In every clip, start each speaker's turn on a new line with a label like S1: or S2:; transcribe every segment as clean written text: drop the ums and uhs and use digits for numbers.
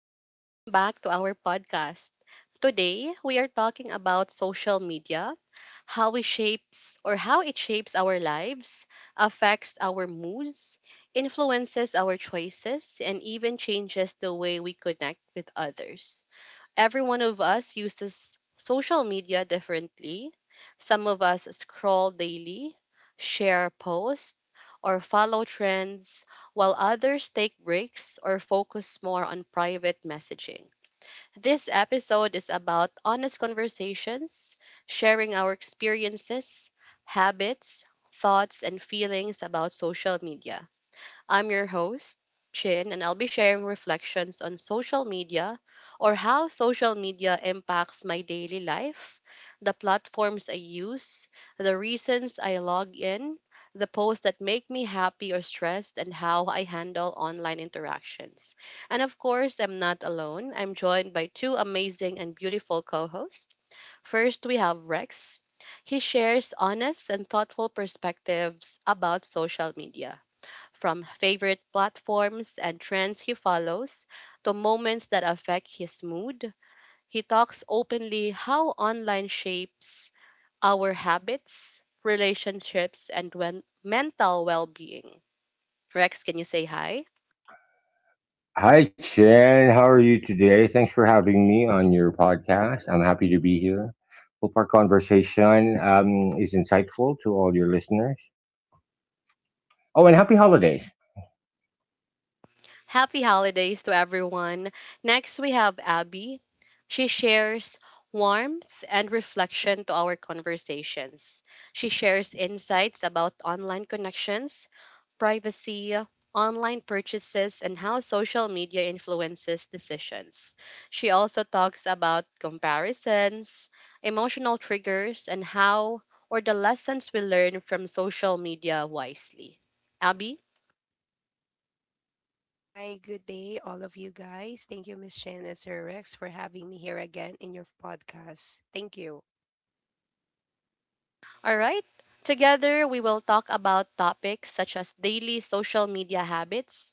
S1: and welcome back to our podcast. Today, we are talking about social media, how it shapes our lives, affects our moods, influences our choices, and even changes the way we connect with others. Every one of us uses social media differently. Some of us scroll daily, share posts, or follow trends, while others take breaks or focus more on private messaging. This episode is about honest conversations, sharing our experiences, habits, thoughts, and feelings about social media. I'm your host, Chin, and I'll be sharing reflections on social media or how social media impacts my daily life, the platforms I use, the reasons I log in, the posts that make me happy or stressed, and how I handle online interactions. And of course, I'm not alone. I'm joined by two amazing and beautiful co hosts. First, we have Rex. He shares honest and thoughtful perspectives about social media, from favorite platforms and trends he follows to moments that affect his mood. He talks openly how online shapes our habits, relationships, and mental well being. Rex, can you say hi?
S2: Hi, Chen. How are you today? Thanks for having me on your podcast. I'm happy to be here. Hope our conversation is insightful to all your listeners. Oh, and happy holidays.
S1: Happy holidays to everyone. Next, we have Abby. She shares warmth and reflection to our conversations. She shares insights about online connections, privacy, online purchases, and how social media influences decisions. She also talks about comparisons, emotional triggers, and how or the lessons we learn from social media wisely. Abby?
S3: Hi, good day, all of you guys. Thank you, Miss Shin and Sir Rex, for having me here again in your podcast. Thank you.
S1: All right. Together, we will talk about topics such as daily social media habits,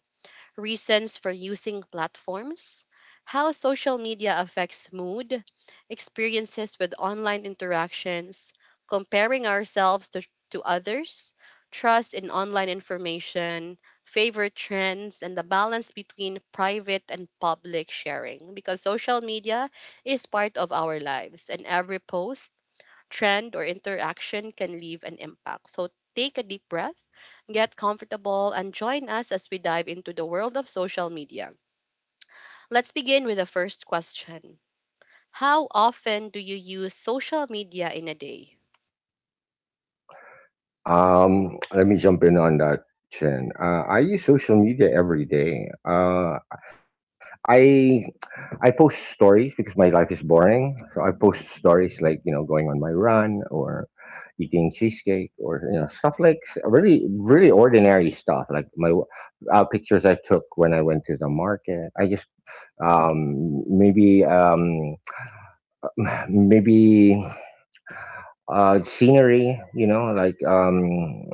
S1: reasons for using platforms, how social media affects mood, experiences with online interactions, comparing ourselves to others, trust in online information, favorite trends, and the balance between private and public sharing. Because social media is part of our lives, and every post, trend or interaction can leave an impact. So take a deep breath, get comfortable, and join us as we dive into the world of social media. Let's begin with the first question. How often do you use social media in a day?
S2: Let me jump in on that, Chen. I use social media every day. I I post stories because my life is boring. So I post stories like, going on my run or eating cheesecake, or stuff like really really ordinary stuff, like my pictures I took when I went to the market. I just, um maybe um maybe, scenery, like, um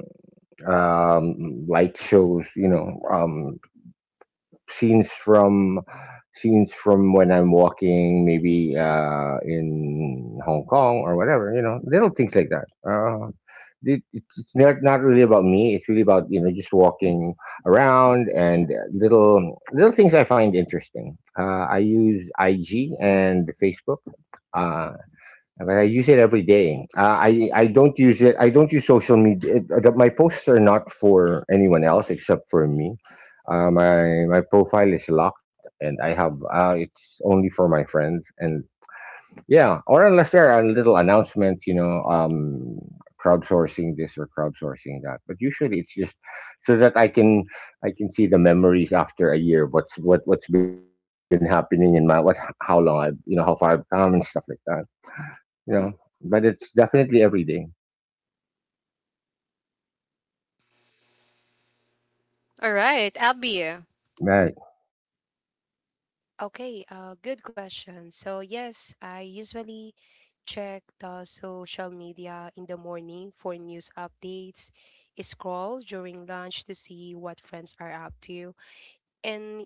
S2: um light shows, scenes from scenes from when I'm walking, maybe in Hong Kong or whatever. You know, little things like that. It's not really about me. It's really about, just walking around, and little things I find interesting. I use IG and Facebook. Uh, but I use it every day. I don't use it. I don't use social media. My posts are not for anyone else except for me. My profile is locked, and I have, it's only for my friends. And yeah, or unless there are little announcements, crowdsourcing this or crowdsourcing that. But usually it's just so that I can see the memories after a year. What's been happening in my, what, how long I have, how far I've come, and stuff like that, you know, but it's definitely every day.
S1: All right, Abby.
S2: Right.
S3: Okay, Good question. So, yes, I usually check the social media in the morning for news updates, scroll during lunch to see what friends are up to, and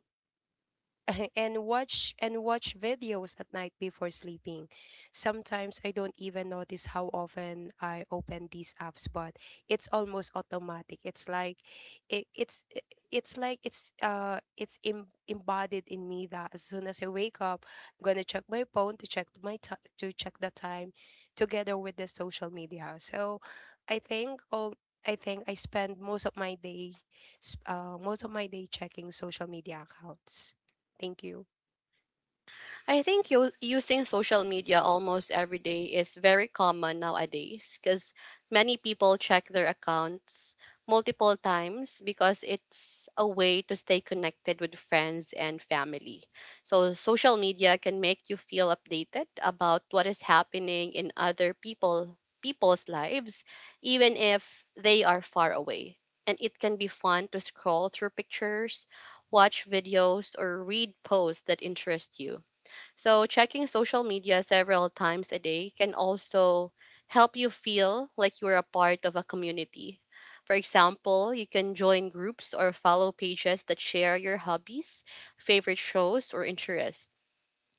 S3: and watch videos at night before sleeping. Sometimes I don't even notice how often I open these apps, but it's almost automatic. It's like it, it's it- it's like embodied in me that as soon as I wake up, I'm gonna check my phone to check my ti to check the time, together with the social media. So, I think all. I think I spend most of my day, most of my day checking social media accounts. Thank you.
S1: I think using social media almost every day is very common nowadays because many people check their accounts multiple times because it's a way to stay connected with friends and family. So, social media can make you feel updated about what is happening in other people's lives even if they are far away. And it can be fun to scroll through pictures, watch videos or read posts that interest you, so, checking social media several times a day can also help you feel like you're a part of a community. For example, you can join groups or follow pages that share your hobbies, favorite shows, or interests.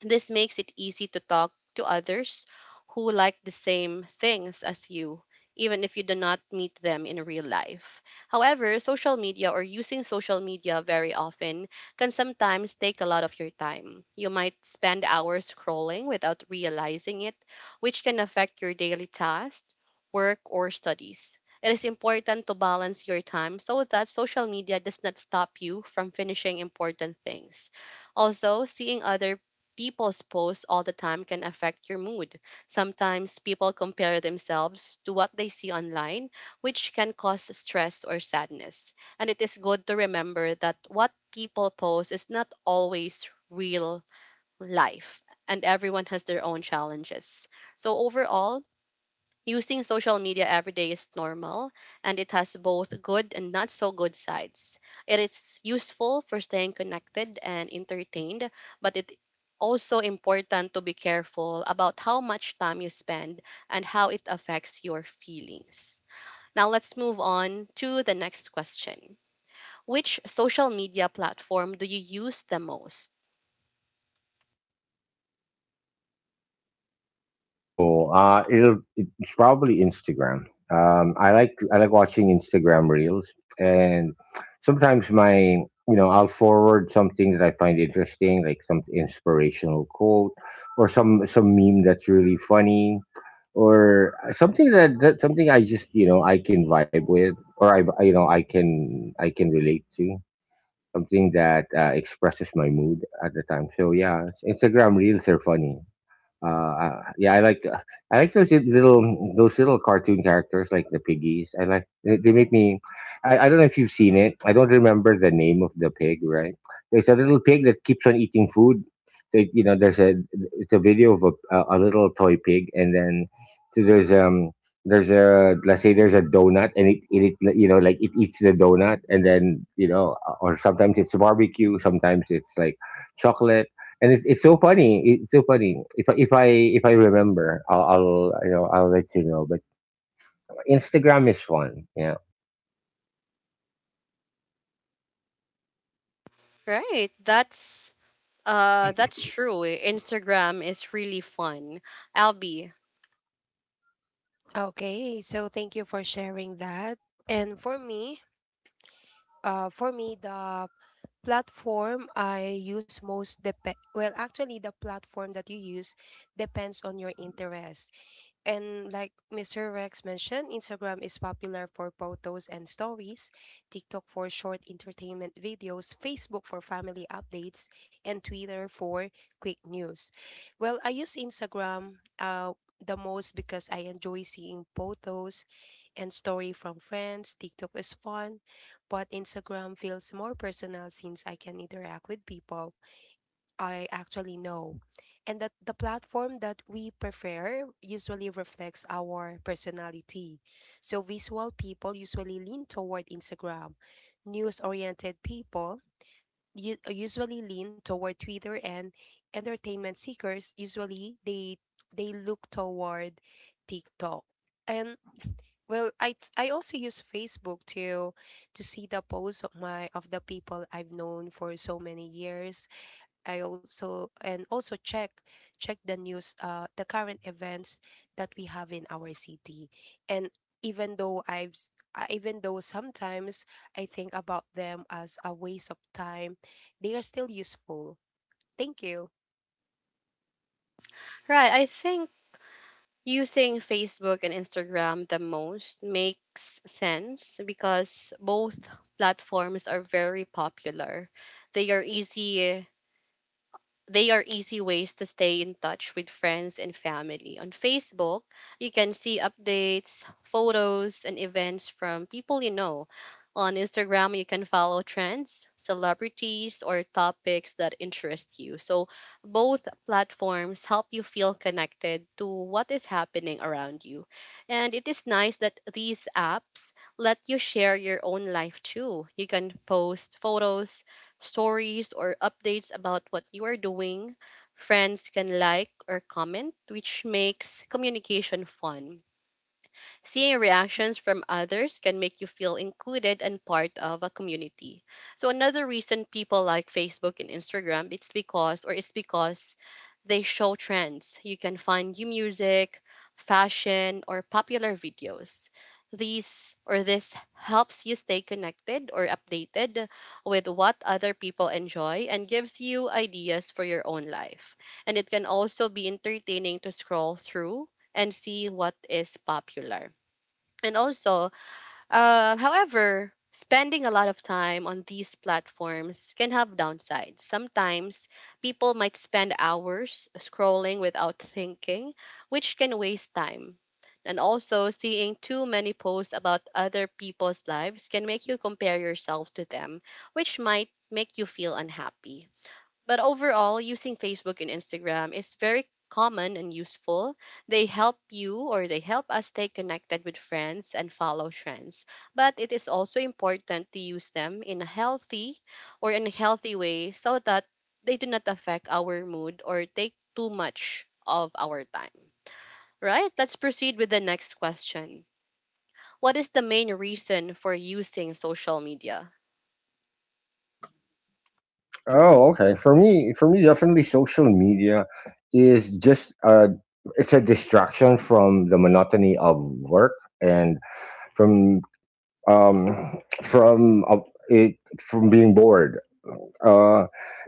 S1: This makes it easy to talk to others who like the same things as you, even if you do not meet them in real life. However, social media or using social media very often can sometimes take a lot of your time. You might spend hours scrolling without realizing it, which can affect your daily tasks, work, or studies. It is important to balance your time so that social media does not stop you from finishing important things. Also, seeing other people's posts all the time can affect your mood. Sometimes people compare themselves to what they see online, which can cause stress or sadness. And it is good to remember that what people post is not always real life, and everyone has their own challenges. So, overall, using social media every day is normal and it has both good and not so good sides. It is useful for staying connected and entertained, but it also important to be careful about how much time you spend and how it affects your feelings. Now let's move on to the next question. Which social media platform do you use the most?
S2: Oh no. It's probably Instagram. I like watching Instagram reels, and sometimes my, I'll forward something that I find interesting, like some inspirational quote, or some meme that's really funny, or something that, something I, just, I can vibe with, or I can relate to something that expresses my mood at the time. So yeah, Instagram reels are funny. Uh, yeah, I like those little cartoon characters like the piggies. I like, they make me. I don't know if you've seen it. I don't remember the name of the pig. Right? There's a little pig that keeps on eating food. There's a it's a video of a little toy pig, and then so there's um there's a, let's say there's a donut, and it, like, it eats the donut, and then, or sometimes it's barbecue, sometimes it's like chocolate, and it's so funny. It's so funny. If I remember, I'll let you know. But Instagram is one. Yeah.
S1: Right, that's true. Instagram is really fun. Albie,
S3: Okay, so thank you for sharing that. And for me, the platform I use most dep well, actually, the platform that you use depends on your interest. And like Mr. Rex mentioned, Instagram is popular for photos and stories, TikTok for short entertainment videos, Facebook for family updates, and Twitter for quick news. Well, I use Instagram the most because I enjoy seeing photos and story from friends. TikTok is fun, but Instagram feels more personal since I can interact with people I actually know. And that the platform that we prefer usually reflects our personality. So visual people usually lean toward Instagram. News-oriented people usually lean toward Twitter, and entertainment seekers usually they look toward TikTok. And well, I also use Facebook to see the posts of the people I've known for so many years. I also and also check the news, the current events that we have in our city. And even though sometimes I think about them as a waste of time, they are still useful. Thank you.
S1: right. I think using Facebook and Instagram the most makes sense because both platforms are very popular. They are easy they are easy ways to stay in touch with friends and family. On Facebook, you can see updates, photos, and events from people you know. On Instagram, you can follow trends, celebrities, or topics that interest you. So, both platforms help you feel connected to what is happening around you. And it is nice that these apps let you share your own life too. You can post photos, stories, or updates about what you are doing. Friends can like or comment, which makes communication fun. Seeing reactions from others can make you feel included and part of a community. So another reason people like Facebook and Instagram, it's because they show trends. You can find new music, fashion, or popular videos. These or this helps you stay connected or updated with what other people enjoy and gives you ideas for your own life. And it can also be entertaining to scroll through and see what is popular. And also, however, spending a lot of time on these platforms can have downsides. Sometimes people might spend hours scrolling without thinking, which can waste time. And also, seeing too many posts about other people's lives can make you compare yourself to them, which might make you feel unhappy. But overall, using Facebook and Instagram is very common and useful. They help you or they help us stay connected with friends and follow trends. But it is also important to use them in a healthy or in a healthy way so that they do not affect our mood or take too much of our time. Right? Let's proceed with the next question. What is the main reason for using social media?
S2: Oh, okay. Definitely social media is just a, it's a distraction from the monotony of work, and from, um from it from being bored, uh,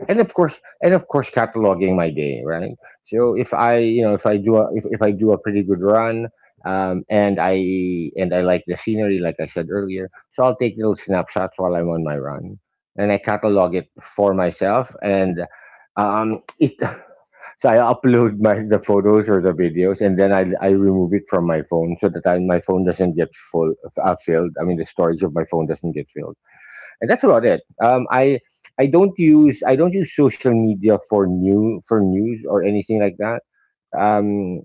S2: and of course, cataloging my day, right? So if i, if I do a, if I do a pretty good run, and I like the scenery, like I said earlier. So I'll take little snapshots while I'm on my run, and I catalog it for myself, and it so I upload my the photos or the videos, and then I remove it from my phone so that, my phone doesn't get full, filled, I mean, the storage of my phone doesn't get filled, and that's about it. I don't use social media for news or anything like that. Um,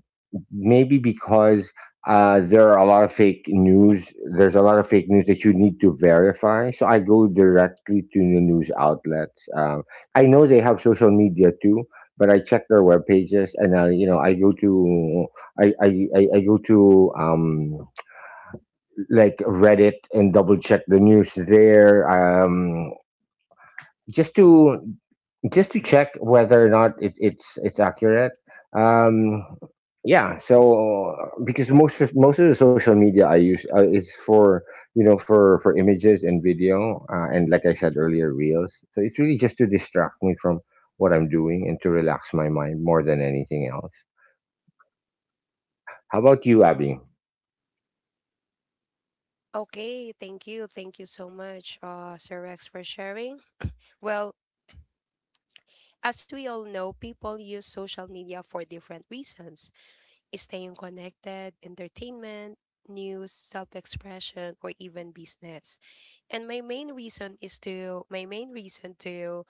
S2: maybe because, there are a lot of fake news. There's a lot of fake news that you need to verify. So I go directly to the news outlets. I know they have social media too, but I check their web pages, and I go to I I, I, I go to um, like, Reddit, and double check the news there. Just to just to check whether or not it's accurate. Um yeah so because most of the social media I use, is for, for images and video, and like I said earlier, reels. So it's really just to distract me from what I'm doing, and to relax my mind more than anything else. How about you, Abby?
S3: Okay, thank you. Thank you so much, Sir Rex, for sharing. Well, as we all know, people use social media for different reasons: staying connected, entertainment, news, self expression, or even business. And my main reason to,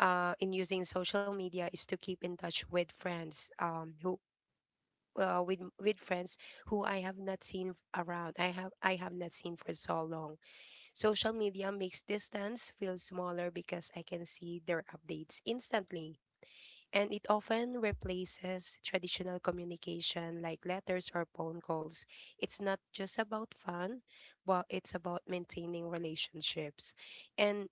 S3: in using social media is to keep in touch with friends, who, with friends who I have not seen f- around. I have not seen for so long. Social media makes distance feel smaller because I can see their updates instantly, and it often replaces traditional communication like letters or phone calls. It's not just about fun, but it's about maintaining relationships. And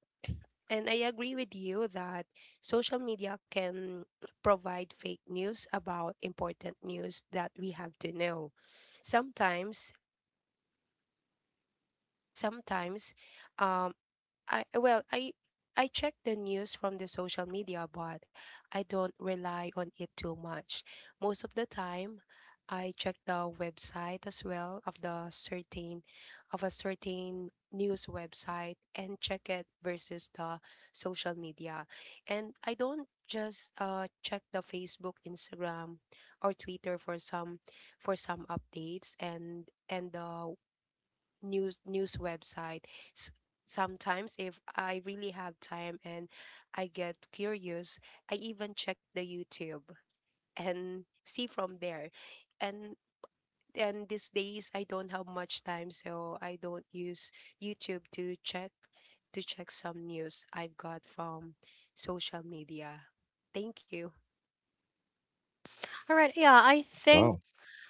S3: and I agree with you that social media can provide fake news about important news that we have to know. Sometimes, sometimes, um, I well, I I check the news from the social media, but I don't rely on it too much. Most of the time, I check the website as well of the certain of a certain news website and check it versus the social media. And I don't just check the Facebook, Instagram, or Twitter for some updates and the news website. S- Sometimes if I really have time and I get curious, I even check the YouTube and see from there. And these days I don't have much time, so I don't use YouTube to check some news I've got from social media. Thank you.
S1: All right, yeah, I think
S2: Wow.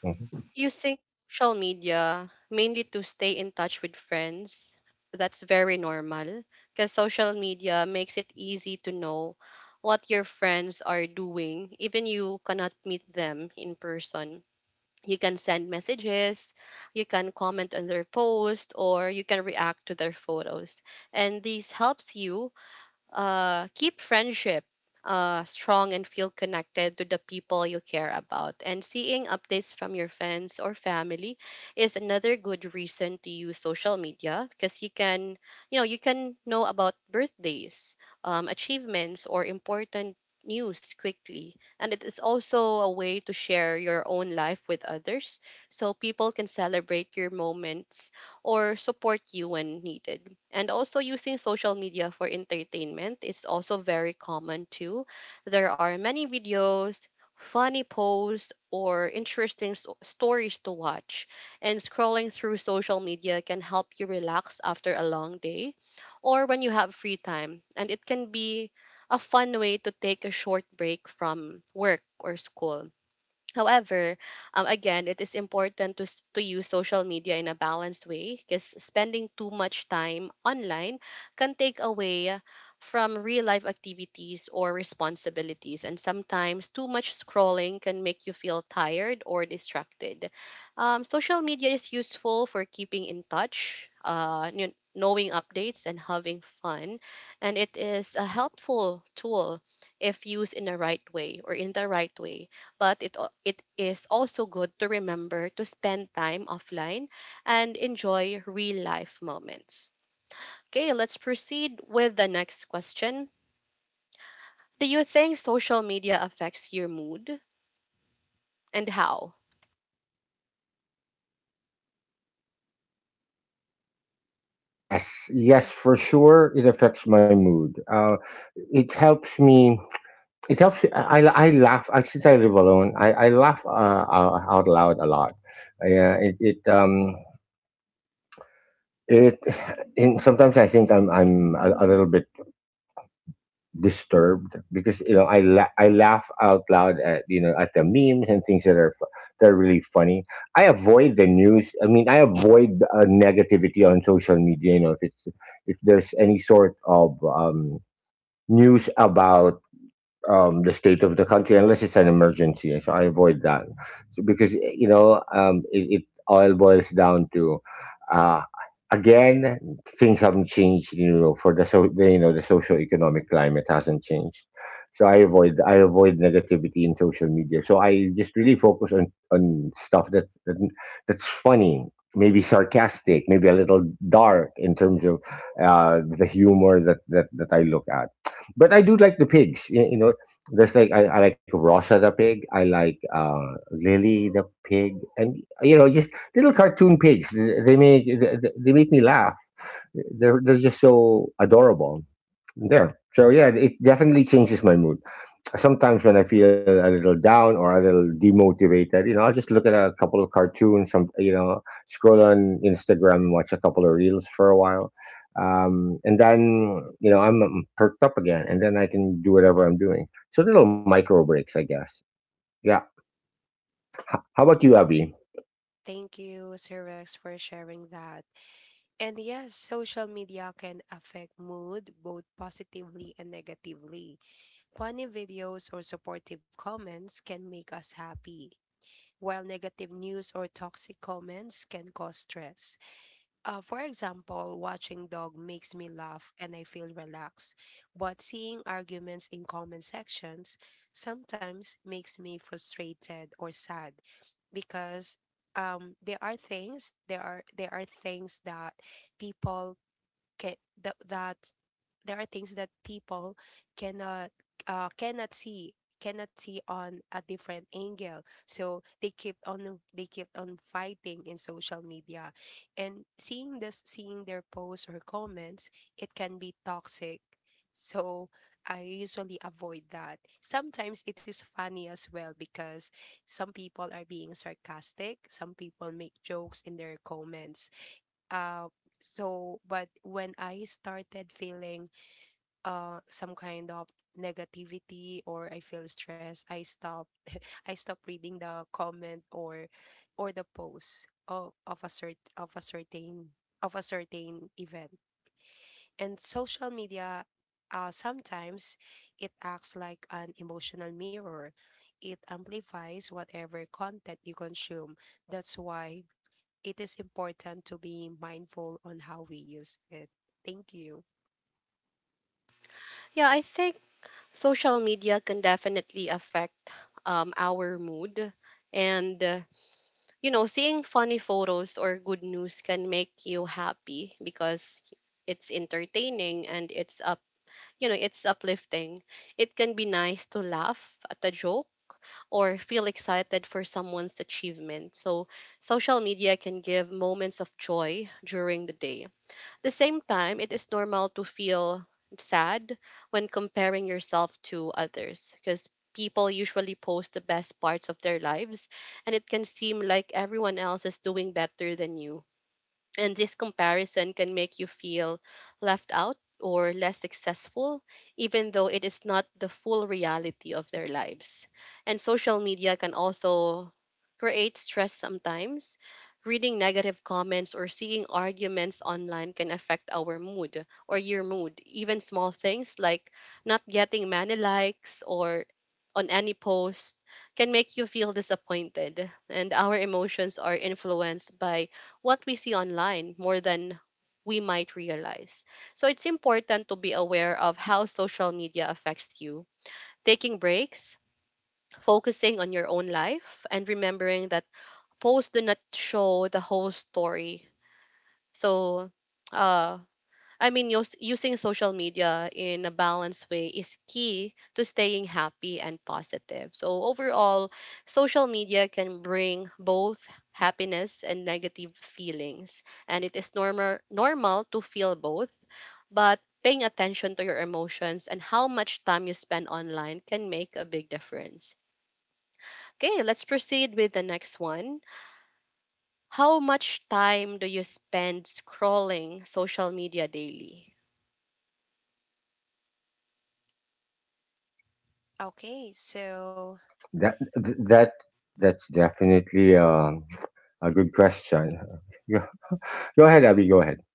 S2: Mhm.
S1: using social media mainly to stay in touch with friends. That's very normal because social media makes it easy to know what your friends are doing. Even you cannot meet them in person. You can send messages, you can comment on their post, or you can react to their photos. And this helps you keep friendship strong and feel connected to the people you care about. And seeing updates from your friends or family is another good reason to use social media because you can, you know, you can know about birthdays, achievements, or important news quickly. And it is also a way to share your own life with others so people can celebrate your moments or support you when needed. And also using social media for entertainment is also very common too. There are many videos, funny posts, or interesting stories to watch. And scrolling through social media can help you relax after a long day or when you have free time. And it can be a fun way to take a short break from work or school. However, again, it is important to use social media in a balanced way because spending too much time online can take away from real life activities or responsibilities. And sometimes too much scrolling can make you feel tired or distracted. Social media is useful for keeping in touch, knowing updates, and having fun. And it is a helpful tool if used in the right way or in the right way, but it is also good to remember to spend time offline and enjoy real life moments. Okay, let's proceed with the next question. Do you think social media affects your mood and how?
S2: Yes, yes,
S3: Okay.
S2: for sure. It affects my mood. It helps me. It helps. I laugh. I Since I live alone, I laugh, out loud a lot. Yeah, it. And sometimes I think I'm a little bit disturbed because, I laugh out loud at, the memes and things that are that are really funny. I avoid the news. I mean, I avoid, negativity on social media. You know, if there's any sort of news about, the state of the country, unless it's an emergency. So I avoid that, so because it all boils down to, uh, again, things haven't changed. You know, for the, the social economic climate hasn't changed. So I avoid negativity in social media. So I just really focus on stuff that, that's funny, maybe sarcastic, maybe a little dark in terms of, the humor that, that I look at. But I do like the pigs. You know, there's like, I like Rosa the pig. I like, Lily the pig, and, just little cartoon pigs. They make me laugh. They're just so adorable. There. So yeah, it definitely changes my mood. Sometimes when I feel a little down or a little demotivated, I'll just look at a couple of cartoons, scroll on Instagram and watch a couple of reels for a while. And then, I'm, perked up again, and then I can do whatever I'm doing. So little micro breaks, I guess. Yeah. How about you,
S3: Oh,
S2: Abby?
S3: thank you, Sir Rex, for sharing that. And yes, social media can affect mood both positively and negatively. Funny videos or supportive comments can make us happy, while negative news or toxic comments can cause stress. For example, watching dog makes me laugh and I feel relaxed, but seeing arguments in comment sections sometimes makes me frustrated or sad because there are things that people ca- th- that there are things that people cannot cannot see, on a different angle, so they kept on fighting in social media. And seeing their posts or comments, it can be toxic. So I usually avoid that. Sometimes it is funny as well because some people are being sarcastic, some people make jokes in their comments. uh, but when I started feeling some kind of negativity or I feel stressed, I stop. I stop reading the comment or the post of a cert of a certain event. And social media, sometimes it acts like an emotional mirror. It amplifies whatever content you consume. That's why it is important to be mindful on how we use it. Thank you.
S1: Yeah, I think social media can definitely affect our mood. And, you know, seeing funny photos or good news can make you happy because it's entertaining and it's a you know, it's uplifting. It can be nice to laugh at a joke or feel excited for someone's achievement. So, social media can give moments of joy during the day. At the same time, it is normal to feel sad when comparing yourself to others because people usually post the best parts of their lives and it can seem like everyone else is doing better than you and this comparison can make you feel left out or less successful, even though it is not the full reality of their lives. And social media can also create stress sometimes. Reading negative comments or seeing arguments online can affect our mood or your mood. Even small things like not getting many likes or on any post can make you feel disappointed. And our emotions are influenced by what we see online more than we might realize. So it's important to be aware of how social media affects you. Taking breaks, focusing on your own life, and remembering that posts do not show the whole story. So, uh, I mean, using social media in a balanced way is key to staying happy and positive. So, overall, social media can bring both happiness and negative feelings, and it is normal to feel both, but paying attention to your emotions and how much time you spend online can make a big difference. Okay, let's proceed with the next one. How much time do you spend scrolling social media daily?
S3: Okay, so
S2: That, that, that's definitely, a good question. Go go ahead, Abby. Go ahead.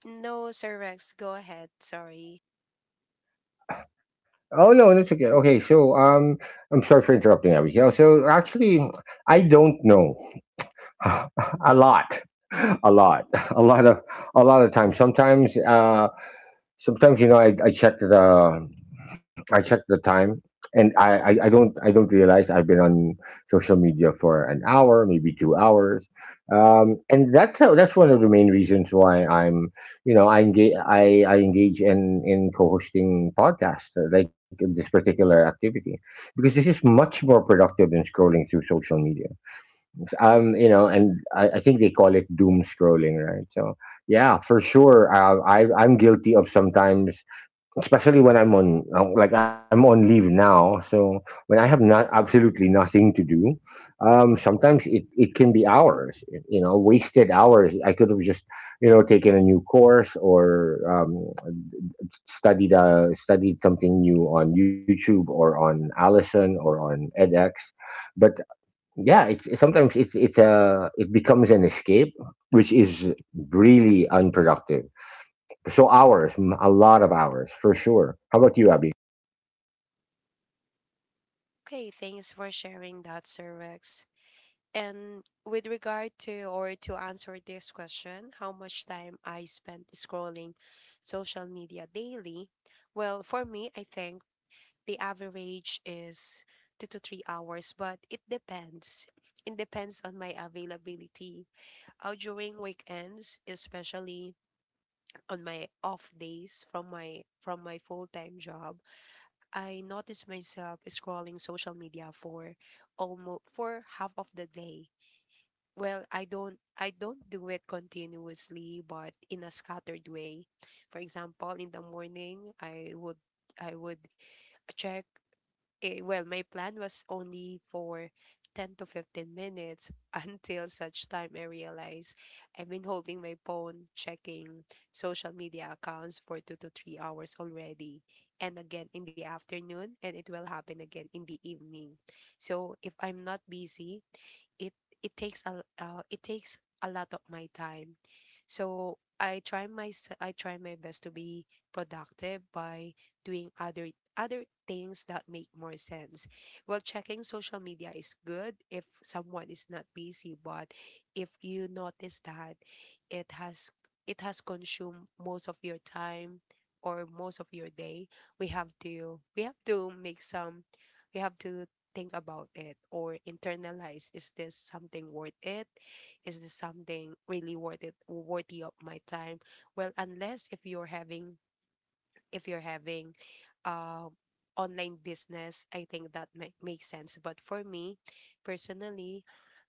S3: no, Sir Rex, go ahead. Sorry.
S2: Oh no, that's okay. Okay, so, I'm sorry for interrupting, Abigail. So actually, I don't know a lot, a lot, a lot of times. Sometimes, I check the time, and I don't realize I've been on social media for an hour, maybe 2 hours. And that's one of the main reasons why I'm you know I engage, I engage in co-hosting podcasts, like this particular activity, because this is much more productive than scrolling through social media. And I think they call it doom scrolling, right? So yeah, for sure, I'm guilty of sometimes, especially when I'm on leave now. So when I have not absolutely nothing to do, sometimes it can be hours, wasted hours. I could have just, taken a new course, or, studied something new on YouTube, or on Allison, or on edX. But yeah, sometimes it becomes an escape, which is really unproductive. So hours, a lot of hours, for sure. How about you, Abby?
S3: Okay, thanks for sharing that, Sir Rex. And with regard to, or to answer this question, how much time I spent scrolling social media daily? Well, for me, I think the average is 2 to 3 hours, but it depends. It depends on my availability during weekends, especially on my off days from my full time job. I notice myself scrolling social media for almost for half of the day. Well, I don't do it continuously, but in a scattered way. For example, in the morning, I would check my plan was only for 10 to 15 minutes until such time I realized I've been holding my phone, checking social media accounts for 2 to 3 hours already. And again in the afternoon, and it will happen again in the evening. So if I'm not busy, it it takes a lot of my time. So I try my best to be productive by doing other things that make more sense. Well, checking social media is good if someone is not busy, but if you notice that it has it has consumed most of your time or most of your day, we have to we have to make some we have to think about it or internalize: is this something worth it, is this something really worth it, worthy of my time? Well, unless if you're having uh, online business, I think that might make sense. But for me personally,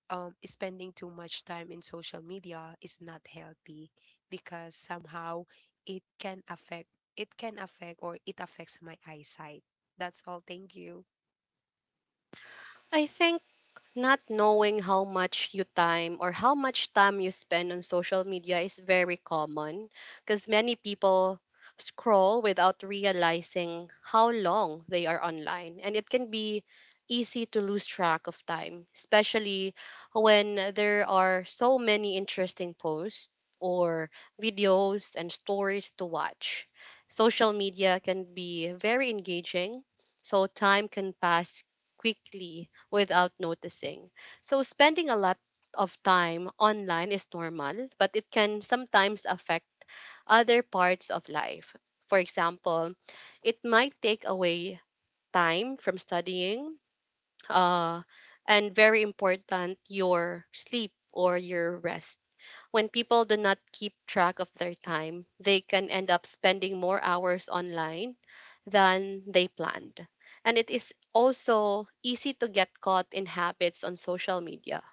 S3: spending too much time in social media is not healthy because somehow it can affect it can affect or it affects my eyesight. That's all, thank you.
S1: I think not knowing how much you time or how much time you spend on social media is very common because many people scroll without realizing how long they are online, and it can be easy to lose track of time, especially when there are so many interesting posts or videos and stories to watch. Social media can be very engaging, so time can pass quickly without noticing. So spending a lot of time online is normal, but it can sometimes affect other parts of life. For example, it might take away time from studying, uh, and very important, your sleep or your rest. When people do not keep track of their time, they can end up spending more hours online than they planned. And it is also easy to get caught in habits on social media.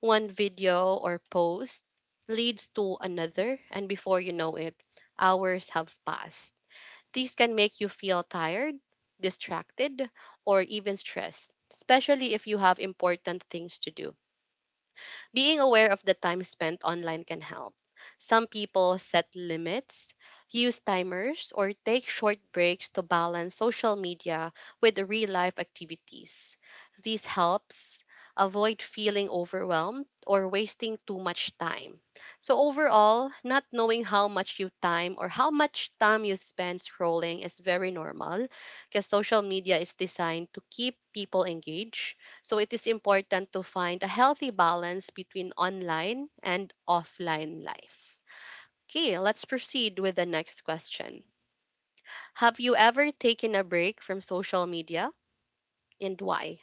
S1: One video or post leads to another, and before you know it, hours have passed. These can make you feel tired, distracted, or even stressed, especially if you have important things to do. Being aware of the time spent online can help. Some people set limits, use timers, or take short breaks to balance social media with real life activities. This helps avoid feeling overwhelmed or wasting too much time. So overall, not knowing how much you time or how much time you spend scrolling is very normal because social media is designed to keep people engaged, so it is important to find a healthy balance between online and offline life. Okay, let's proceed with the next question. Have you ever taken a break from social media, and why?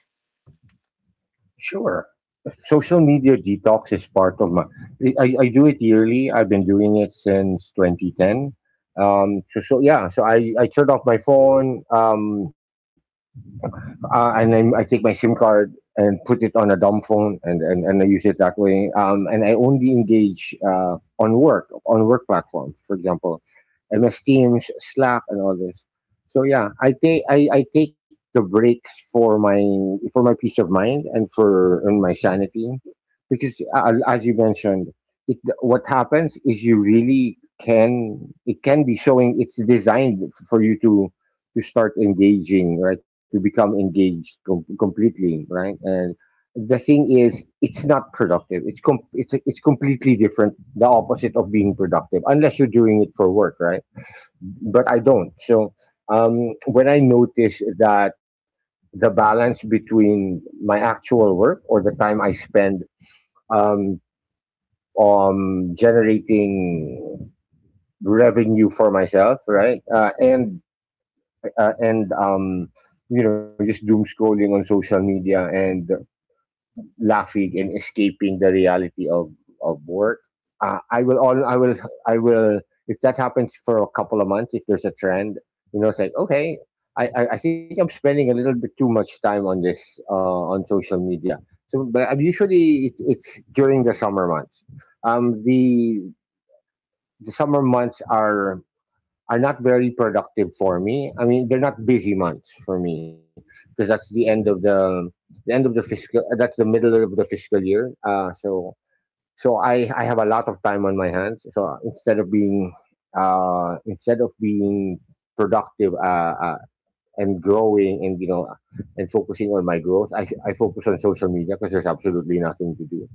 S2: Sure. Social media detox is part of my. I do it yearly. I've been doing it since 2010. So, yeah, so I turned off my phone. And then I take my SIM card, and put it on a dumb phone, and, I use it that way. And I only engage, on work, platforms, for example, MS Teams, Slack, and all this. So yeah, I take the breaks for my peace of mind, and for and my sanity, because, as you mentioned, what happens is, you really can it can be showing it's designed for you to start engaging, right? To become engaged, completely, right? And the thing is, it's not productive. It's completely different, the opposite of being productive, unless you're doing it for work, right? But I don't. So, when I notice that the balance between my actual work, or the time I spend, um, on generating revenue for myself, right, and just doom scrolling on social media, and laughing, and escaping the reality of work. Uh, I will all I will I will, if that happens for a couple of months, if there's a trend, you know, it's like, okay, I think I'm spending a little bit too much time on this, on social media. But I'm usually, it's during the summer months. The summer months are not very productive for me. I mean, they're not busy months for me, because that's the end of the end of the fiscal. That's the middle of the fiscal year. So I have a lot of time on my hands. So instead of being uh, instead of being productive, and growing and, you know, and focusing on my growth, I focus on social media because there's absolutely nothing to do,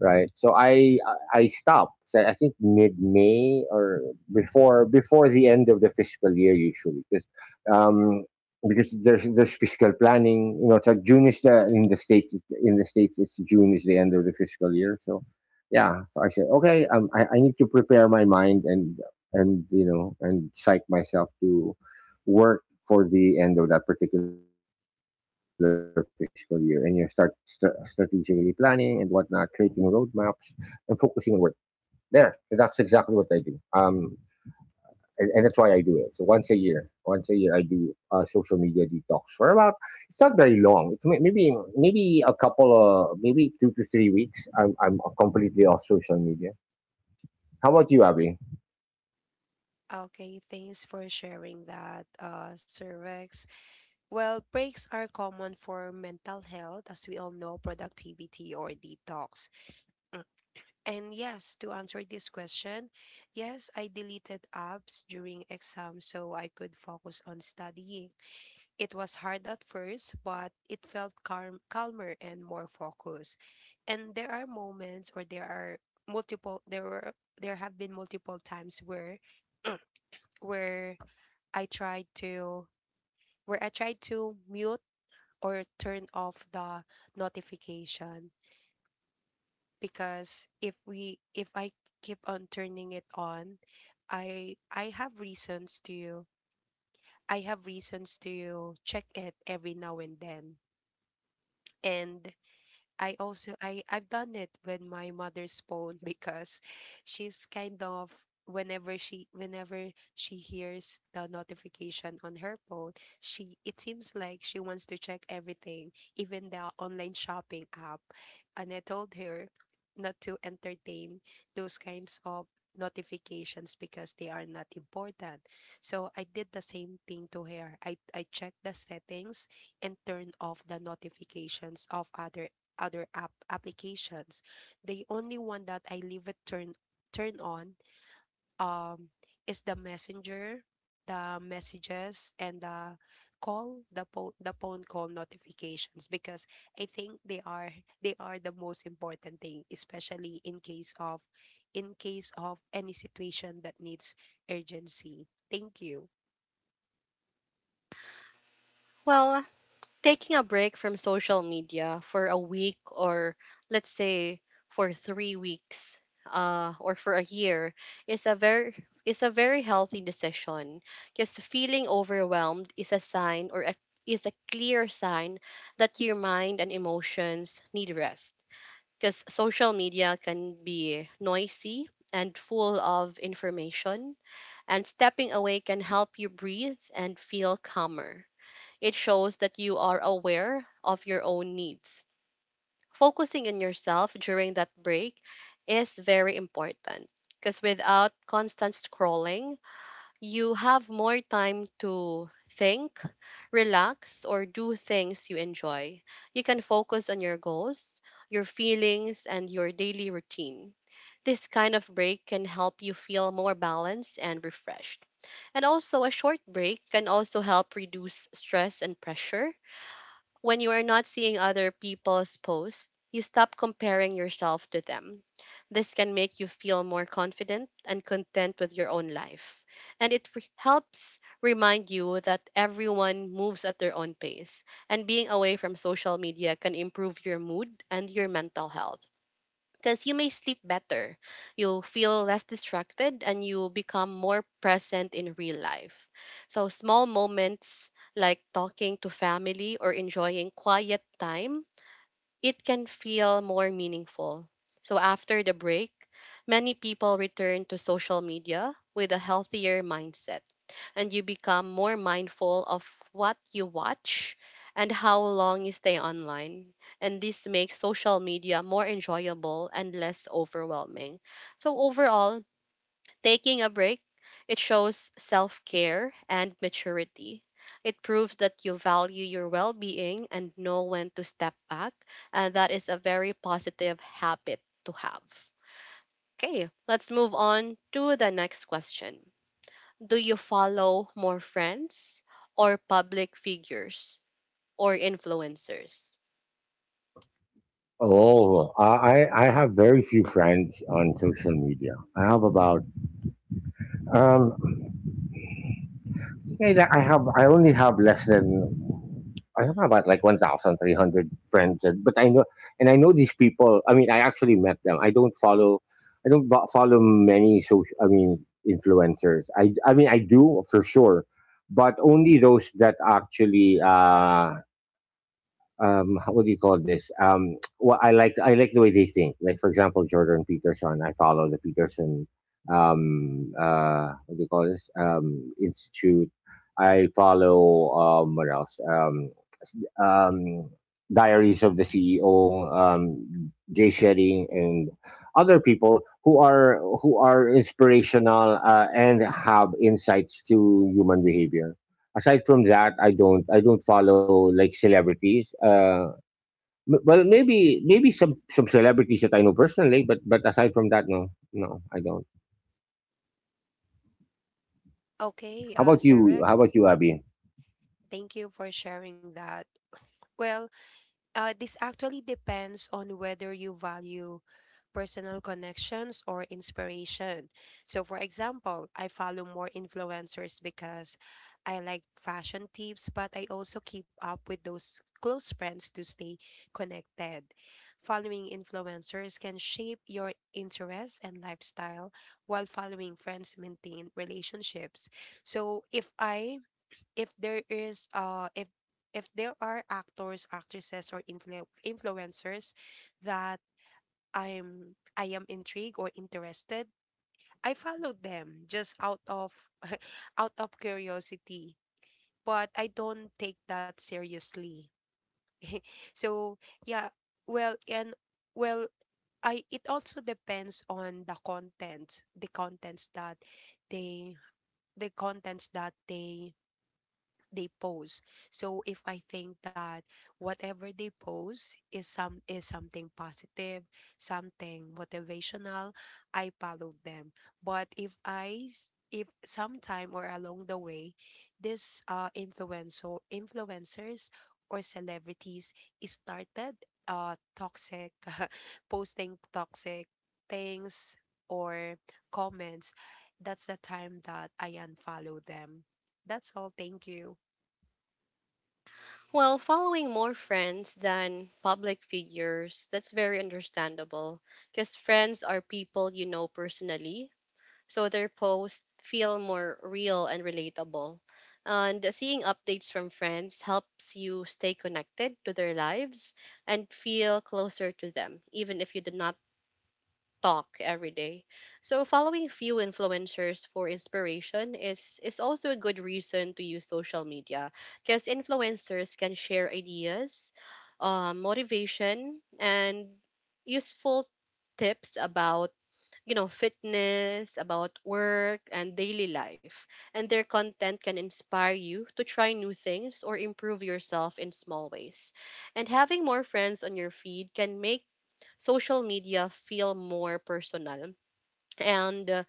S2: right? So I stopped. So I think mid May, or before the end of the fiscal year, usually, um, because there's fiscal planning. You know, it's like June is the in the states, it's June is the end of the fiscal year. So yeah, so I said, okay, I need to prepare my mind and, you know, and psych myself to work for the end of that particular fiscal year, and you start strategically planning and whatnot, creating roadmaps and focusing on work. There, that's exactly what I do. And and that's why I do it. So once a year, I do, social media detox for about. It's not very long. It's maybe a couple of, maybe 2 to 3 weeks. I'm completely off social media. How about you, Abby?
S3: Okay, thanks for sharing that, Sir Rex. Well, breaks are common for mental health, as we all know, productivity or detox. Mm. And yes, to answer this question, yes, I deleted apps during exams so I could focus on studying. It was hard at first, but it felt calmer and more focused. And there are multiple, there have been multiple times where I tried to, where I tried to mute or turn off the notification, because if I keep on turning it on, I have reasons to, I have reasons to check it every now and then. And I I've done it with my mother's phone because she's kind of, whenever she hears the notification on her phone, she it seems like she wants to check everything, even the online shopping app. And I told her not to entertain those kinds of notifications because they are not important. So I did the same thing to her. I checked the settings and turned off the notifications of other app applications. The only one that I leave it turn turn on um is the messenger, the messages and the po the phone call notifications, because I think they are the most important thing, especially in case of, in case of any situation that needs urgency. Thank you.
S1: Well, taking a break from social media for a week, or let's say for 3 weeks or for a year, is a very is a very healthy decision because feeling overwhelmed is a sign, or is a clear sign that your mind and emotions need rest, because social media can be noisy and full of information, and stepping away can help you breathe and feel calmer. It shows that you are aware of your own needs. Focusing on yourself during that break is very important because without constant scrolling, you have more time to think, relax, or do things you enjoy. You can focus on your goals, your feelings, and your daily routine. This kind of break can help you feel more balanced and refreshed. And also, a short break can also help reduce stress and pressure. When you are not seeing other people's posts, you stop comparing yourself to them. This can make you feel more confident and content with your own life. And it helps remind you that everyone moves at their own pace, and being away from social media can improve your mood and your mental health, because you may sleep better, you will feel less distracted, and you become more present in real life. So, small moments like talking to family or enjoying quiet time, it can feel more meaningful. So, after the break, many people return to social media with a healthier mindset, and you become more mindful of what you watch and how long you stay online. And this makes social media more enjoyable and less overwhelming. So, overall, taking a break, it shows self care and maturity. It proves that you value your well being and know when to step back. And that is a very positive habit to have. Okay, let's move on to the next question. Do you follow more friends or public figures or influencers?
S2: Oh, I have very few friends on social media. I have about um yeah, like, I have I only have less than I have about like 1,300 friends, and, but I know and I know these people. I mean, I actually met them. I don't follow, I don't follow many social. I mean, influencers. I mean, I do for sure, but only those that actually, what do you call this, well, I like the way they think, like, for example, Jordan Peterson. I follow the Peterson, what do you call this, institute. I follow, what else, s- um Diaries of the CEO, Jay Shetty, and other people who are inspirational, and have insights to human behavior. Aside from that, I don't follow like celebrities, well, maybe some celebrities that I know personally, but aside from that, no, no, I don't.
S3: Okay,
S2: How about
S3: Sir
S2: you,
S3: Rex,
S2: Abby?
S3: thank you for sharing that. Well, this actually depends on whether you value personal connections or inspiration. So, for example, I follow more influencers because I like fashion tips, but I also keep up with those close friends to stay connected. Following influencers can shape your interests and lifestyle, while following friends maintain relationships. So, if I if there is if there are actors, actresses or influencers that I am intrigued or interested, I follow them just out of out of curiosity. But I don't take that seriously. So yeah, well and well, I it also depends on the contents, they the contents that they pose. So if I think that whatever they pose is something positive, something motivational, I follow them. But if if sometime or along the way, this influencers or celebrities is started toxic posting toxic things or comments, that's the time that I unfollow them. That's all. Thank you.
S1: Well, following more friends than public figures, that's very understandable because friends are people you know personally, so their posts feel more real and relatable. And seeing updates from friends helps you stay connected to their lives and feel closer to them, even if you do not talk every day. So following few influencers for inspiration is also a good reason to use social media because influencers can share ideas, motivation, and useful tips about you know fitness, about work and daily life, and their content can inspire you to try new things or improve yourself in small ways. And having more friends on your feed can make social media feel more personal, and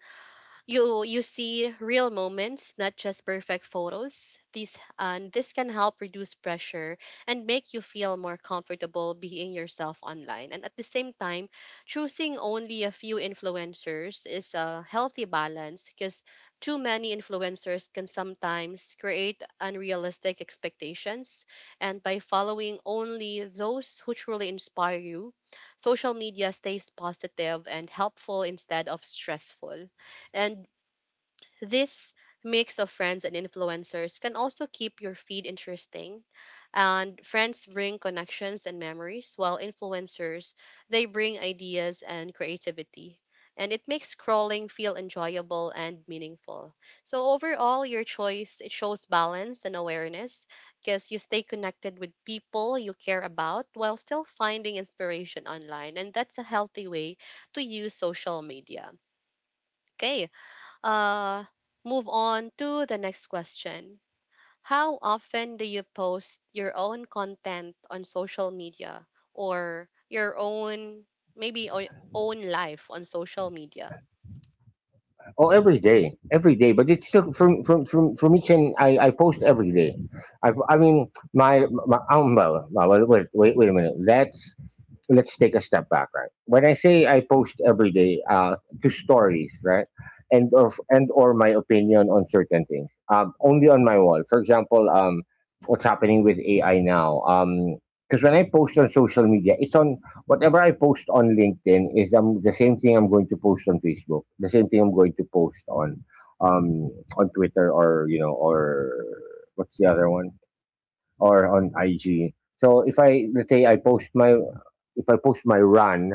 S1: you see real moments, not just perfect photos. These and this can help reduce pressure and make you feel more comfortable being yourself online. And at the same time, choosing only a few influencers is a healthy balance because too many influencers can sometimes create unrealistic expectations, and by following only those who truly inspire you, social media stays positive and helpful instead of stressful. And this mix of friends and influencers can also keep your feed interesting. And friends bring connections and memories, while influencers, they bring ideas and creativity. And it makes scrolling feel enjoyable and meaningful. So overall, your choice it shows balance and awareness because you stay connected with people you care about while still finding inspiration online, and that's a healthy way to use social media. Okay, uh, move on to the next question. How often do you post your own content on social media, or your own, maybe own life on social media?
S2: Oh, every day, every day. But it's still from each, and I post every day. I mean my, my well, well, wait a minute. That's, let's take a step back, right? When I say I post every day, to stories, right, and or my opinion on certain things, only on my wall. For example, what's happening with AI now? Because when I post on social media, it's on whatever I post on LinkedIn is the same thing I'm going to post on Facebook, the same thing I'm going to post on Twitter, or, you know, or what's the other one? Or on IG. So if I, let's say I post my, if I post my run,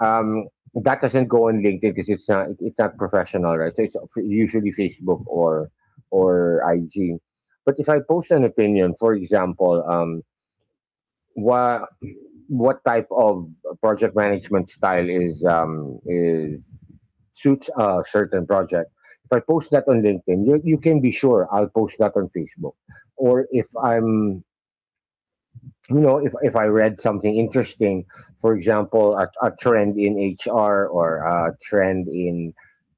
S2: um, that doesn't go on LinkedIn because it's not, it's not professional, right? So it's usually Facebook or IG. But if I post an opinion, for example, what what type of project management style is, is, suits a certain project. If I post that on LinkedIn, you can be sure I'll post that on Facebook. Or if I'm, you know, if I read something interesting, for example, a trend in HR or a trend in,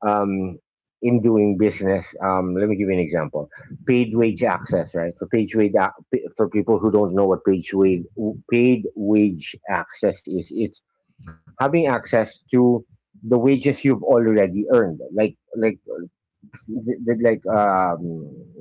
S2: um, in doing business. Let me give you an example: paid wage access, right? So, paid wage for people who don't know what paid wage access is, it's having access to the wages you've already earned, like, like,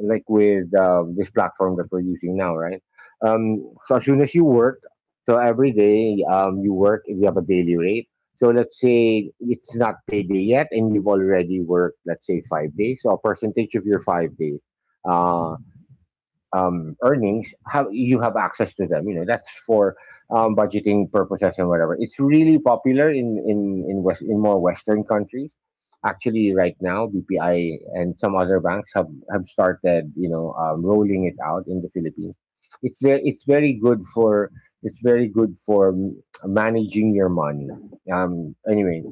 S2: like with, this platform that we're using now, right? So as soon as you work, so every day, you work, you have a daily rate. So let's say it's not payday yet, and you've already worked, let's say 5 days. So a percentage of your 5 days. Uh, earnings, how you have access to them. You know, that's for, budgeting purposes and whatever. It's really popular in in West in more Western countries. Actually, right now, BPI and some other banks have started, you know, rolling it out in the Philippines. It's very, it's very good for, it's very good for, managing your money. Um, anyway,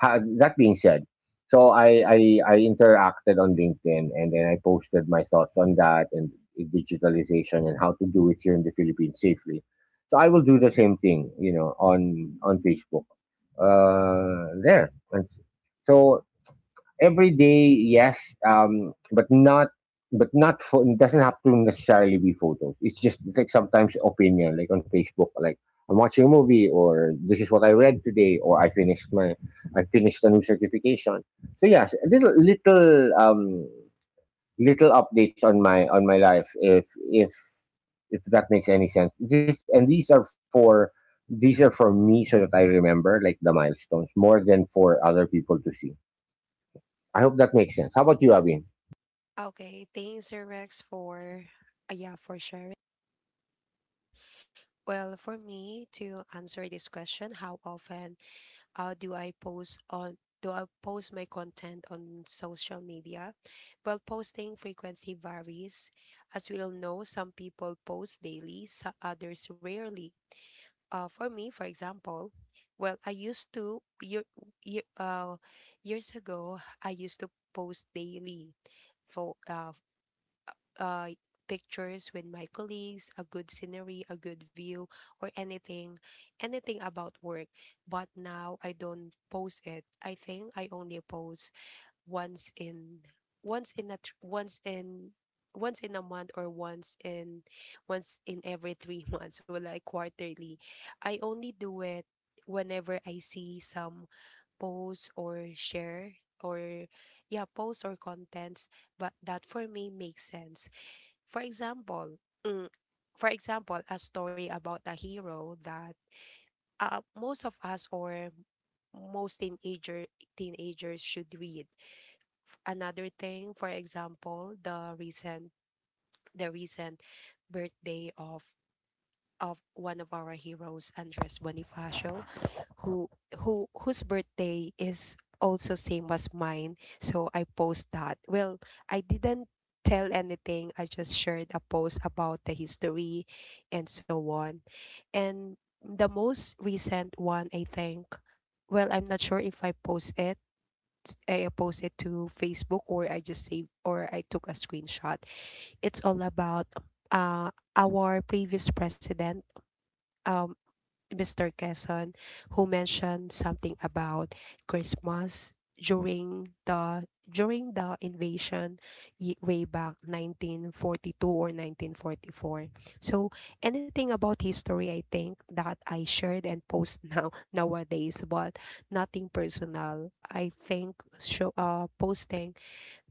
S2: ha- that being said, so I interacted on LinkedIn, and then I posted my thoughts on that and digitalization and how to do it here in the Philippines safely. So I will do the same thing, you know, on Facebook. There. And so, every day, yes, but not, but not for, it doesn't have to necessarily be photos. It's just like sometimes opinion, like on Facebook, like I'm watching a movie, or this is what I read today, or I finished a new certification. So yes, a little, little updates on my life, if that makes any sense. This and these are for, these are for me, so that I remember like the milestones more than for other people to see. I hope that makes sense. How about you, Abin?
S3: Okay, thanks, Sir Rex, for yeah for sharing. Well, for me to answer this question, how often do I post my content on social media? Well, posting frequency varies. As we all know, some people post daily, so others rarely. For me, for example, well, I used to year, uh, years ago, I used to post daily for uh, pictures with my colleagues, a good scenery, a good view, or anything about work. But now I don't post it. I think I only post once in once in a tr- once in once in a month, or once in every three months, or like quarterly. I only do it whenever I see some posts or share, or yeah, posts or contents, but that for me makes sense. For example, mm, for example, a story about a hero that most of us, or most teenagers should read. Another thing, for example, the recent birthday of one of our heroes, Andres Bonifacio, who who whose birthday is also same as mine. So I post that. Well, I didn't tell anything. I just shared a post about the history and so on. And the most recent one, I think. Well, I'm not sure if I post it. I post it to Facebook, or I just save, or I took a screenshot. It's all about uh our previous president. Um, Mr. Quezon, who mentioned something about Christmas during the invasion way back 1942 or 1944. So anything about history, I think, that I shared and post now nowadays, but nothing personal, I think show, posting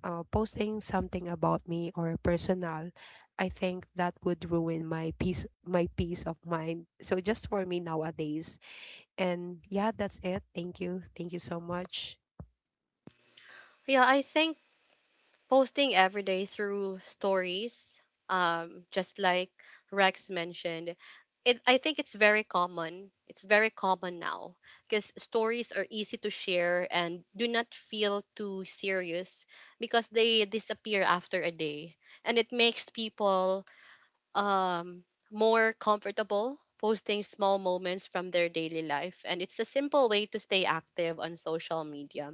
S3: posting something about me or personal, I think that would ruin my peace of mind. So just for me nowadays. And yeah, that's it. Thank you. Thank you so much.
S1: Yeah, I think posting every day through stories, um, just like Rex mentioned it, I think it's very common, it's very common now, because stories are easy to share and do not feel too serious because they disappear after a day. And it makes people um more comfortable posting small moments from their daily life, and it's a simple way to stay active on social media.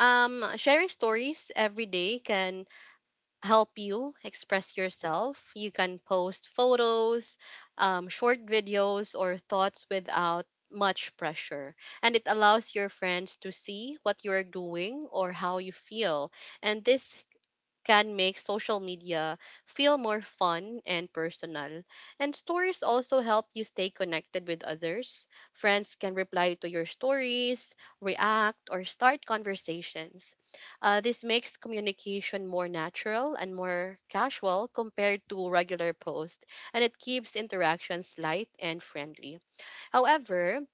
S1: Um, sharing stories every day can help you express yourself. You can post photos, short videos, or thoughts without much pressure. And it allows your friends to see what you're doing or how you feel. And this can make social media feel more fun and personal. And stories also help you stay connected with others. Friends can reply to your stories, react, or start conversations. This makes communication more natural and more casual compared to regular posts, and it keeps interactions light and friendly. However,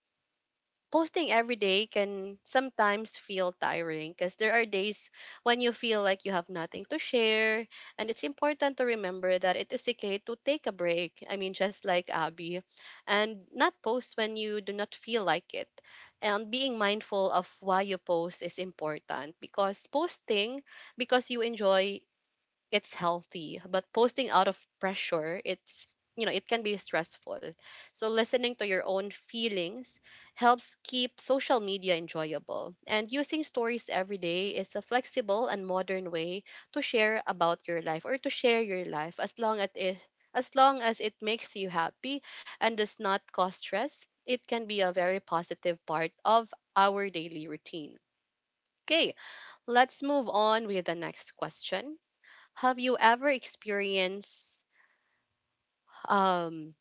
S1: posting every day can sometimes feel tiring because there are days when you feel like you have nothing to share. And it's important to remember that it is okay to take a break. I mean, just like Abby, and not post when you do not feel like it. And being mindful of why you post is important, because posting because you enjoy it's healthy, but posting out of pressure, it's you know it can be stressful. So listening to your own feelings helps keep social media enjoyable, and using stories every day is a flexible and modern way to share about your life, or to share your life, as long as it as long as it makes you happy and does not cause stress. It can be a very positive part of our daily routine. Okay, let's move on with the next question. Have you ever experienced um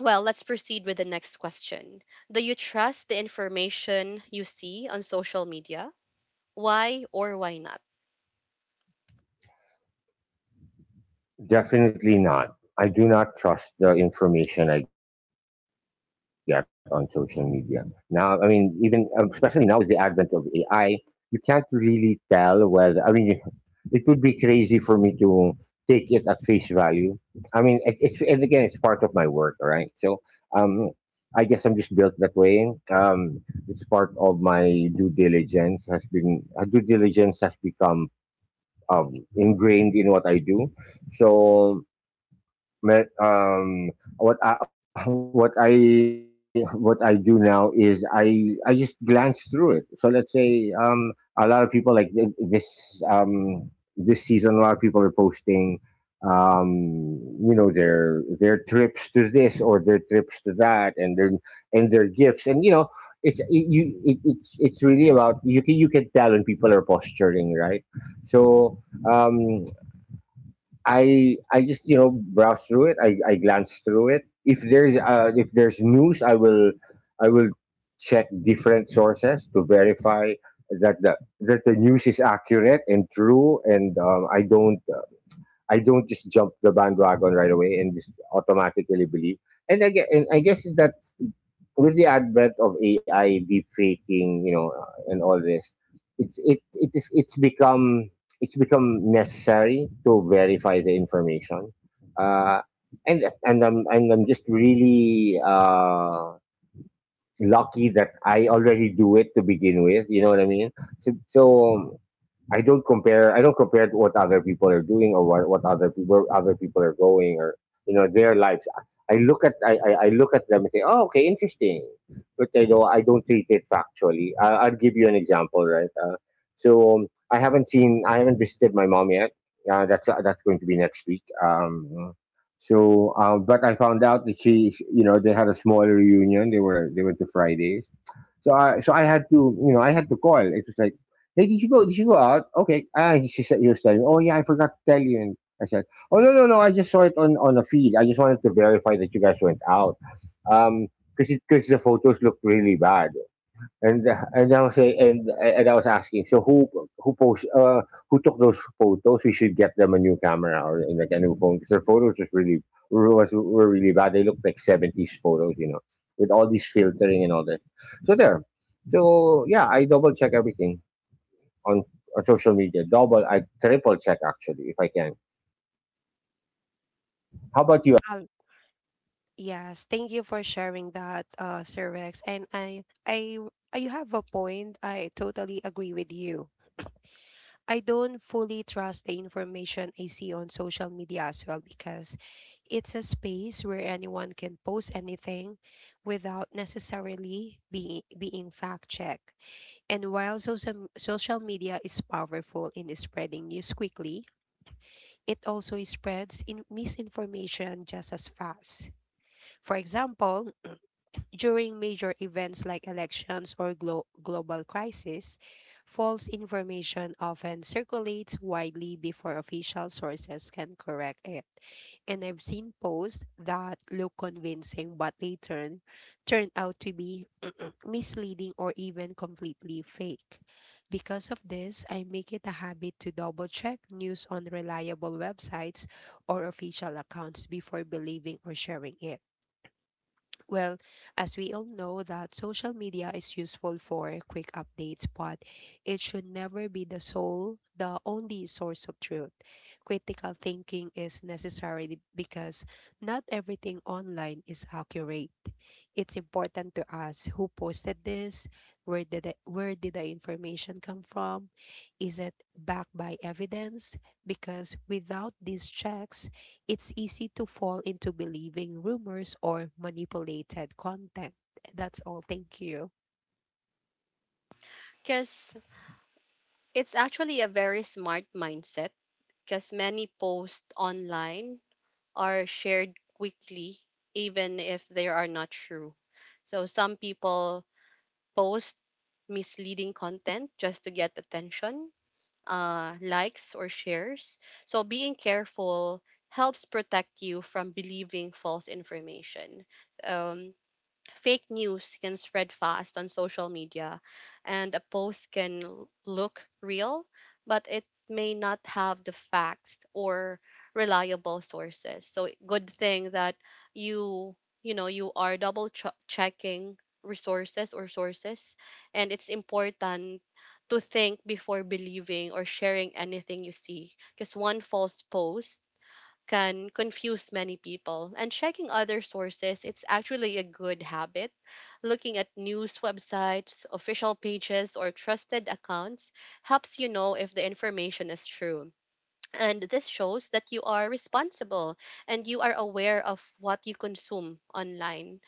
S1: well, let's proceed with the next question. Do you trust the information you see on social media? Why or why not?
S2: Definitely not. I do not trust the information I get on social media. Now, I mean, even, especially now with the advent of AI, you can't really tell whether, I mean, it would be crazy for me to take it at face value. I mean, it's, and again, it's part of my work, all right? So, um, I guess I'm just built that way. It's part of my due diligence has been, due diligence has become, ingrained in what I do. So, me- um, what I, what I do now is I just glance through it. So let's say, a lot of people, like, this, um, this season, a lot of people are posting, um you know, their trips to this, or their trips to that, and their gifts, and, you know, it's it's really about, you can, you can tell when people are posturing, right? So, um I just, you know, browse through it. I glance through it. If there's, uh, if there's news, I will check different sources to verify that the, that the news is accurate and true. And, I don't, I don't just jump the bandwagon right away and just automatically believe. And I guess that with the advent of AI, deep faking, you know, and all this, it's become, it's become necessary to verify the information, uh, and I'm just really, lucky that I already do it to begin with. You know what I mean? So, so, I don't compare. I don't compare to what other people are doing, or what other people, are going, or, you know, their lives. I look at them and say, oh, okay, interesting. But I know I don't treat it factually. I, I'll give you an example, right? So, I haven't seen, I haven't visited my mom yet. That's, that's going to be next week. So, but I found out that she, you know, they had a small reunion. They were, they went to Fridays. So I, so I had to, you know, I had to call. It was like, hey, did you go? Did you go out? Okay. Ah, she said, he was telling me, oh yeah, I forgot to tell you. And I said, oh, no, no, no, I just saw it on a feed. I just wanted to verify that you guys went out. Um, because the photos looked really bad. And I was say, and I was asking, so who post who took those photos? We should get them a new camera, or, like a new phone, because their photos was really, was were really bad. They looked like seventies photos, you know, with all this filtering and all that. So there, so yeah, I double check everything on, on social media. Double, I triple check, actually, if I can. How about you?
S3: Um, yes, thank you for sharing that, Sir Rex. And I you have a point. I totally agree with you. I don't fully trust the information I see on social media as well, because it's a space where anyone can post anything without necessarily being fact checked. And while social media is powerful in spreading news quickly, it also spreads in misinformation just as fast. For example, during major events like elections or global crises, false information often circulates widely before official sources can correct it. And I've seen posts that look convincing, but they turn out to be misleading or even completely fake. Because of this, I make it a habit to double check news on reliable websites or official accounts before believing or sharing it. Well, as we all know that social media is useful for quick updates, but it should never be the only source of truth. Critical thinking is necessary because not everything online is accurate. It's important to ask who posted this, where did where did the information come from, is it backed by evidence? Because without these checks, it's easy to fall into believing rumors or manipulated content. That's all. Thank you.
S1: Cuz it's actually a very smart mindset, cuz many posts online are shared quickly even if they are not true. So some people post misleading content just to get attention, likes or shares. So being careful helps protect you from believing false information. Um, fake news can spread fast on social media, and a post can look real but it may not have the facts or reliable sources. So good thing that you you know you are checking resources or sources, and it's important to think before believing or sharing anything you see, because one false post can confuse many people. And checking other sources, it's actually a good habit. Looking at news websites, official pages, or trusted accounts helps you know if the information is true. And this shows that you are responsible and you are aware of what you consume online.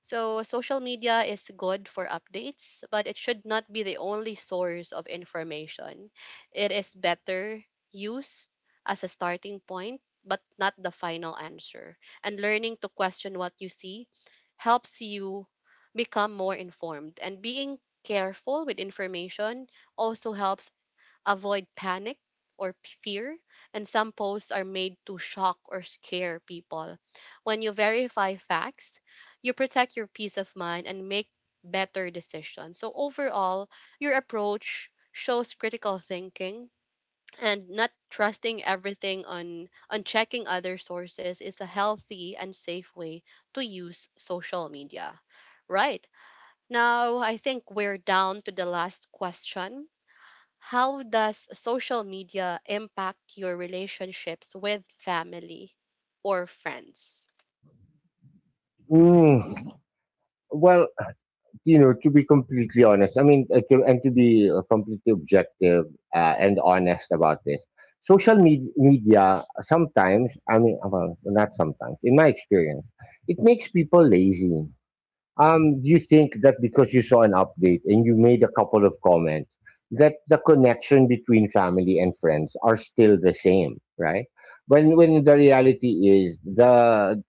S1: So, social media is good for updates, but it should not be the only source of information. It is better used as a starting point, but not the final answer. And learning to question what you see helps you become more informed. And being careful with information also helps avoid panic or fear, and some posts are made to shock or scare people. When you verify facts, you protect your peace of mind and make better decisions. So, overall, your approach shows critical thinking, and not trusting everything on checking other sources is a healthy and safe way to use social media. Right, now I think we're down to the last question. How does social media impact your relationships with family or friends?
S2: Mm, well, you know, to be completely honest. To be completely objective and honest about this, media sometimes, I mean, well, not sometimes, in my experience, it makes people lazy. You think that because you saw an update and you made a couple of comments, that the connection between family and friends are still the same, right? When the reality is the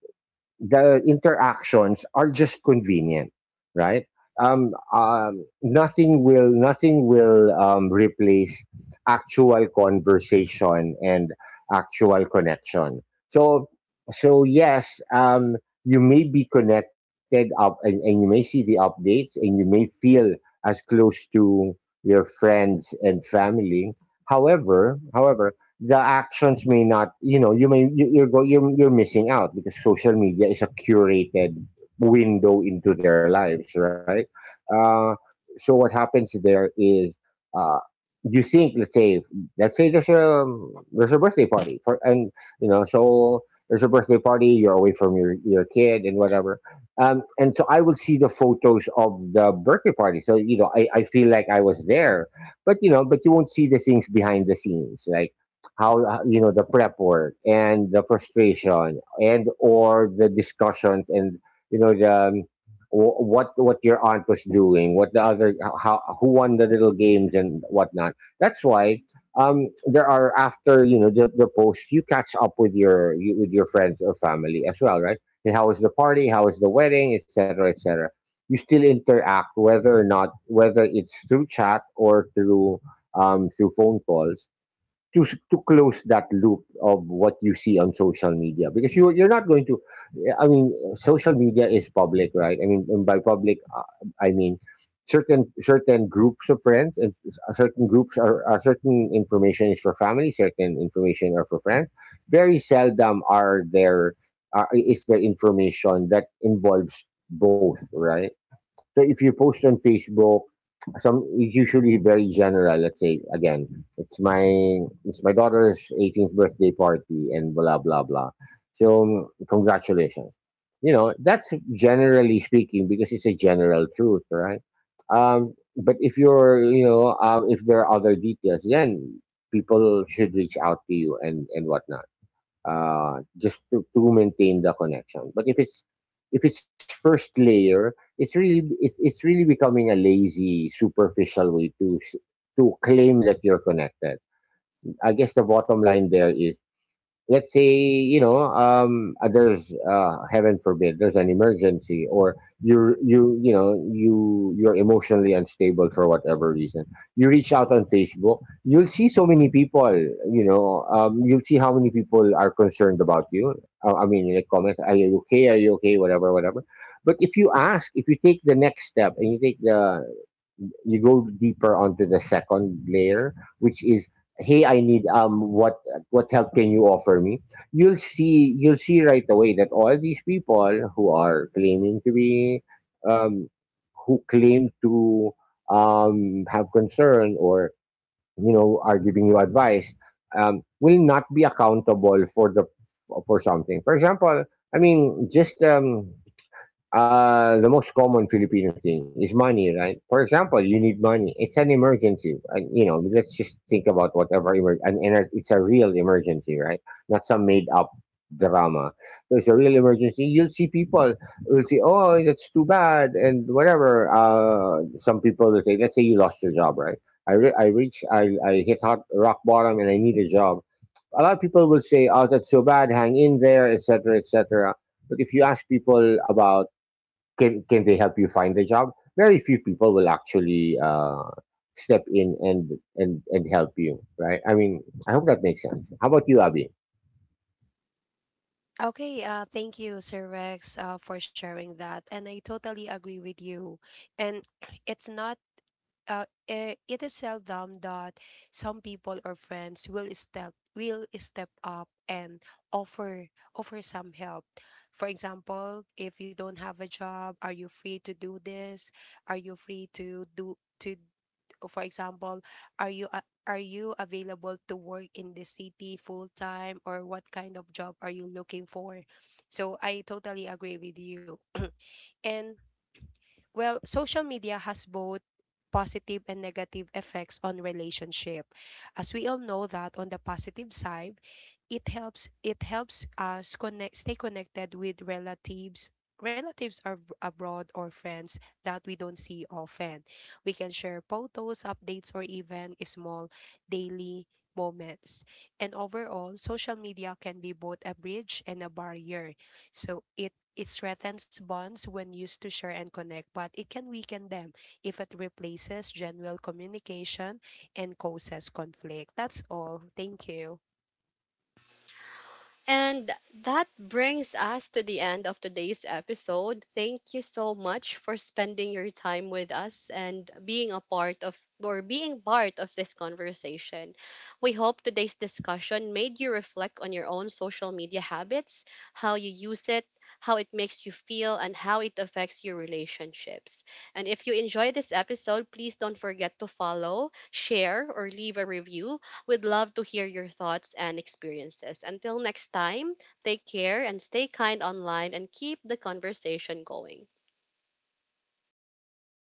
S2: the interactions are just convenient, right? Nothing will replace actual conversation and actual connection. So so yes, you may be connected up and you may see the updates and you may feel as close to your friends and family. However, the actions may not. You know you may you, you're go You're missing out because social media is a curated window into their lives, right? Uh so what happens there is, uh you think, let's say, there's a, birthday party for, and you know, so there's a birthday party. You're away from your kid and whatever. And so I will see the photos of the birthday party, so you know, I feel like I was there. But you know, but you won't see the things behind the scenes, like how, you know, the prep work and the frustration, and or the discussions, and you know, what your aunt was doing, what the other, how, who won the little games and whatnot. That's why, there are, after you know, the post, you catch up with with your friends or family as well, right? And how is the party, how is the wedding, etc., etc. You still interact, whether or not, whether it's through chat or through, through phone calls, to close that loop of what you see on social media. Because you, you're not going to, I mean, social media is public, right? I mean, and by public, I mean, certain groups of friends, and s- certain groups are certain information is for family, certain information are for friends. Very seldom are there, is there information that involves both, right? So if you post on Facebook, some, usually very general. Let's say, again, it's my daughter's 18th birthday party and blah blah blah. So congratulations. You know, that's generally speaking, because it's a general truth, right? But if you're, you know, if there are other details, then people should reach out to you and whatnot. Just to maintain the connection. But if it's, if it's first layer, it's really, it, it's really becoming a lazy, superficial way to to claim that you're connected. I guess the bottom line there is, let's say, you know, there's, heaven forbid, there's an emergency. Or you're, you know, you, you're emotionally unstable for whatever reason, you reach out on Facebook, you'll see so many people. You know, you'll see how many people are concerned about you. I mean, in the comments, are you okay, are you okay, whatever whatever. But if you ask, if you take the next step, and you take the, you go deeper onto the second layer, which is, hey, I need, what, help can you offer me? You'll see right away that all these people who are claiming to be, um who claim to have concern, or you know, are giving you advice, will not be accountable for the, for something. For example, I mean, just the most common Filipino thing is money, right? For example, you need money, it's an emergency, and you know, let's just think about whatever and it's a real emergency, right? Not some made up drama. So it's a real emergency. You'll see people will say, "Oh, that's too bad," and whatever. Some people will say, "Let's say you lost your job, right? I re- I reach I hit hot rock bottom and I need a job." A lot of people will say, "Oh, that's so bad. Hang in there, etc., etc." But if you ask people about, can they help you find the job, very few people will actually, step in and and help you, right? I mean, I hope that makes sense. How about you, Abby?
S3: Okay, thank you, Sir Rex, for sharing that. And I totally agree with you. And it's not it is seldom that some people or friends will step up and offer offer some help. For example, if you don't have a job, are you free to do this? Are you free to do to for example, are you are you available to work in the city full time, or what kind of job are you looking for? So I totally agree with you. And well, social media has both positive and negative effects on relationship. As we all know that on the positive side, it helps us connect, stay connected with relatives are abroad, or friends that we don't see often. We can share photos, updates, or even small daily moments. And overall, social media can be both a bridge and a barrier. So it strengthens bonds when used to share and connect, but it can weaken them if it replaces genuine communication and causes conflict. That's all. Thank you.
S1: And that brings us to the end of today's episode. Thank you so much for spending your time with us and being a part of, or being part of this conversation. We hope today's discussion made you reflect on your own social media habits, how you use it, how it makes you feel, and how it affects your relationships. And if you enjoy this episode, please don't forget to follow, share, or leave a review. We'd love to hear your thoughts and experiences. Until next time, take care and stay kind online, and keep the conversation going.
S3: Thank you so much.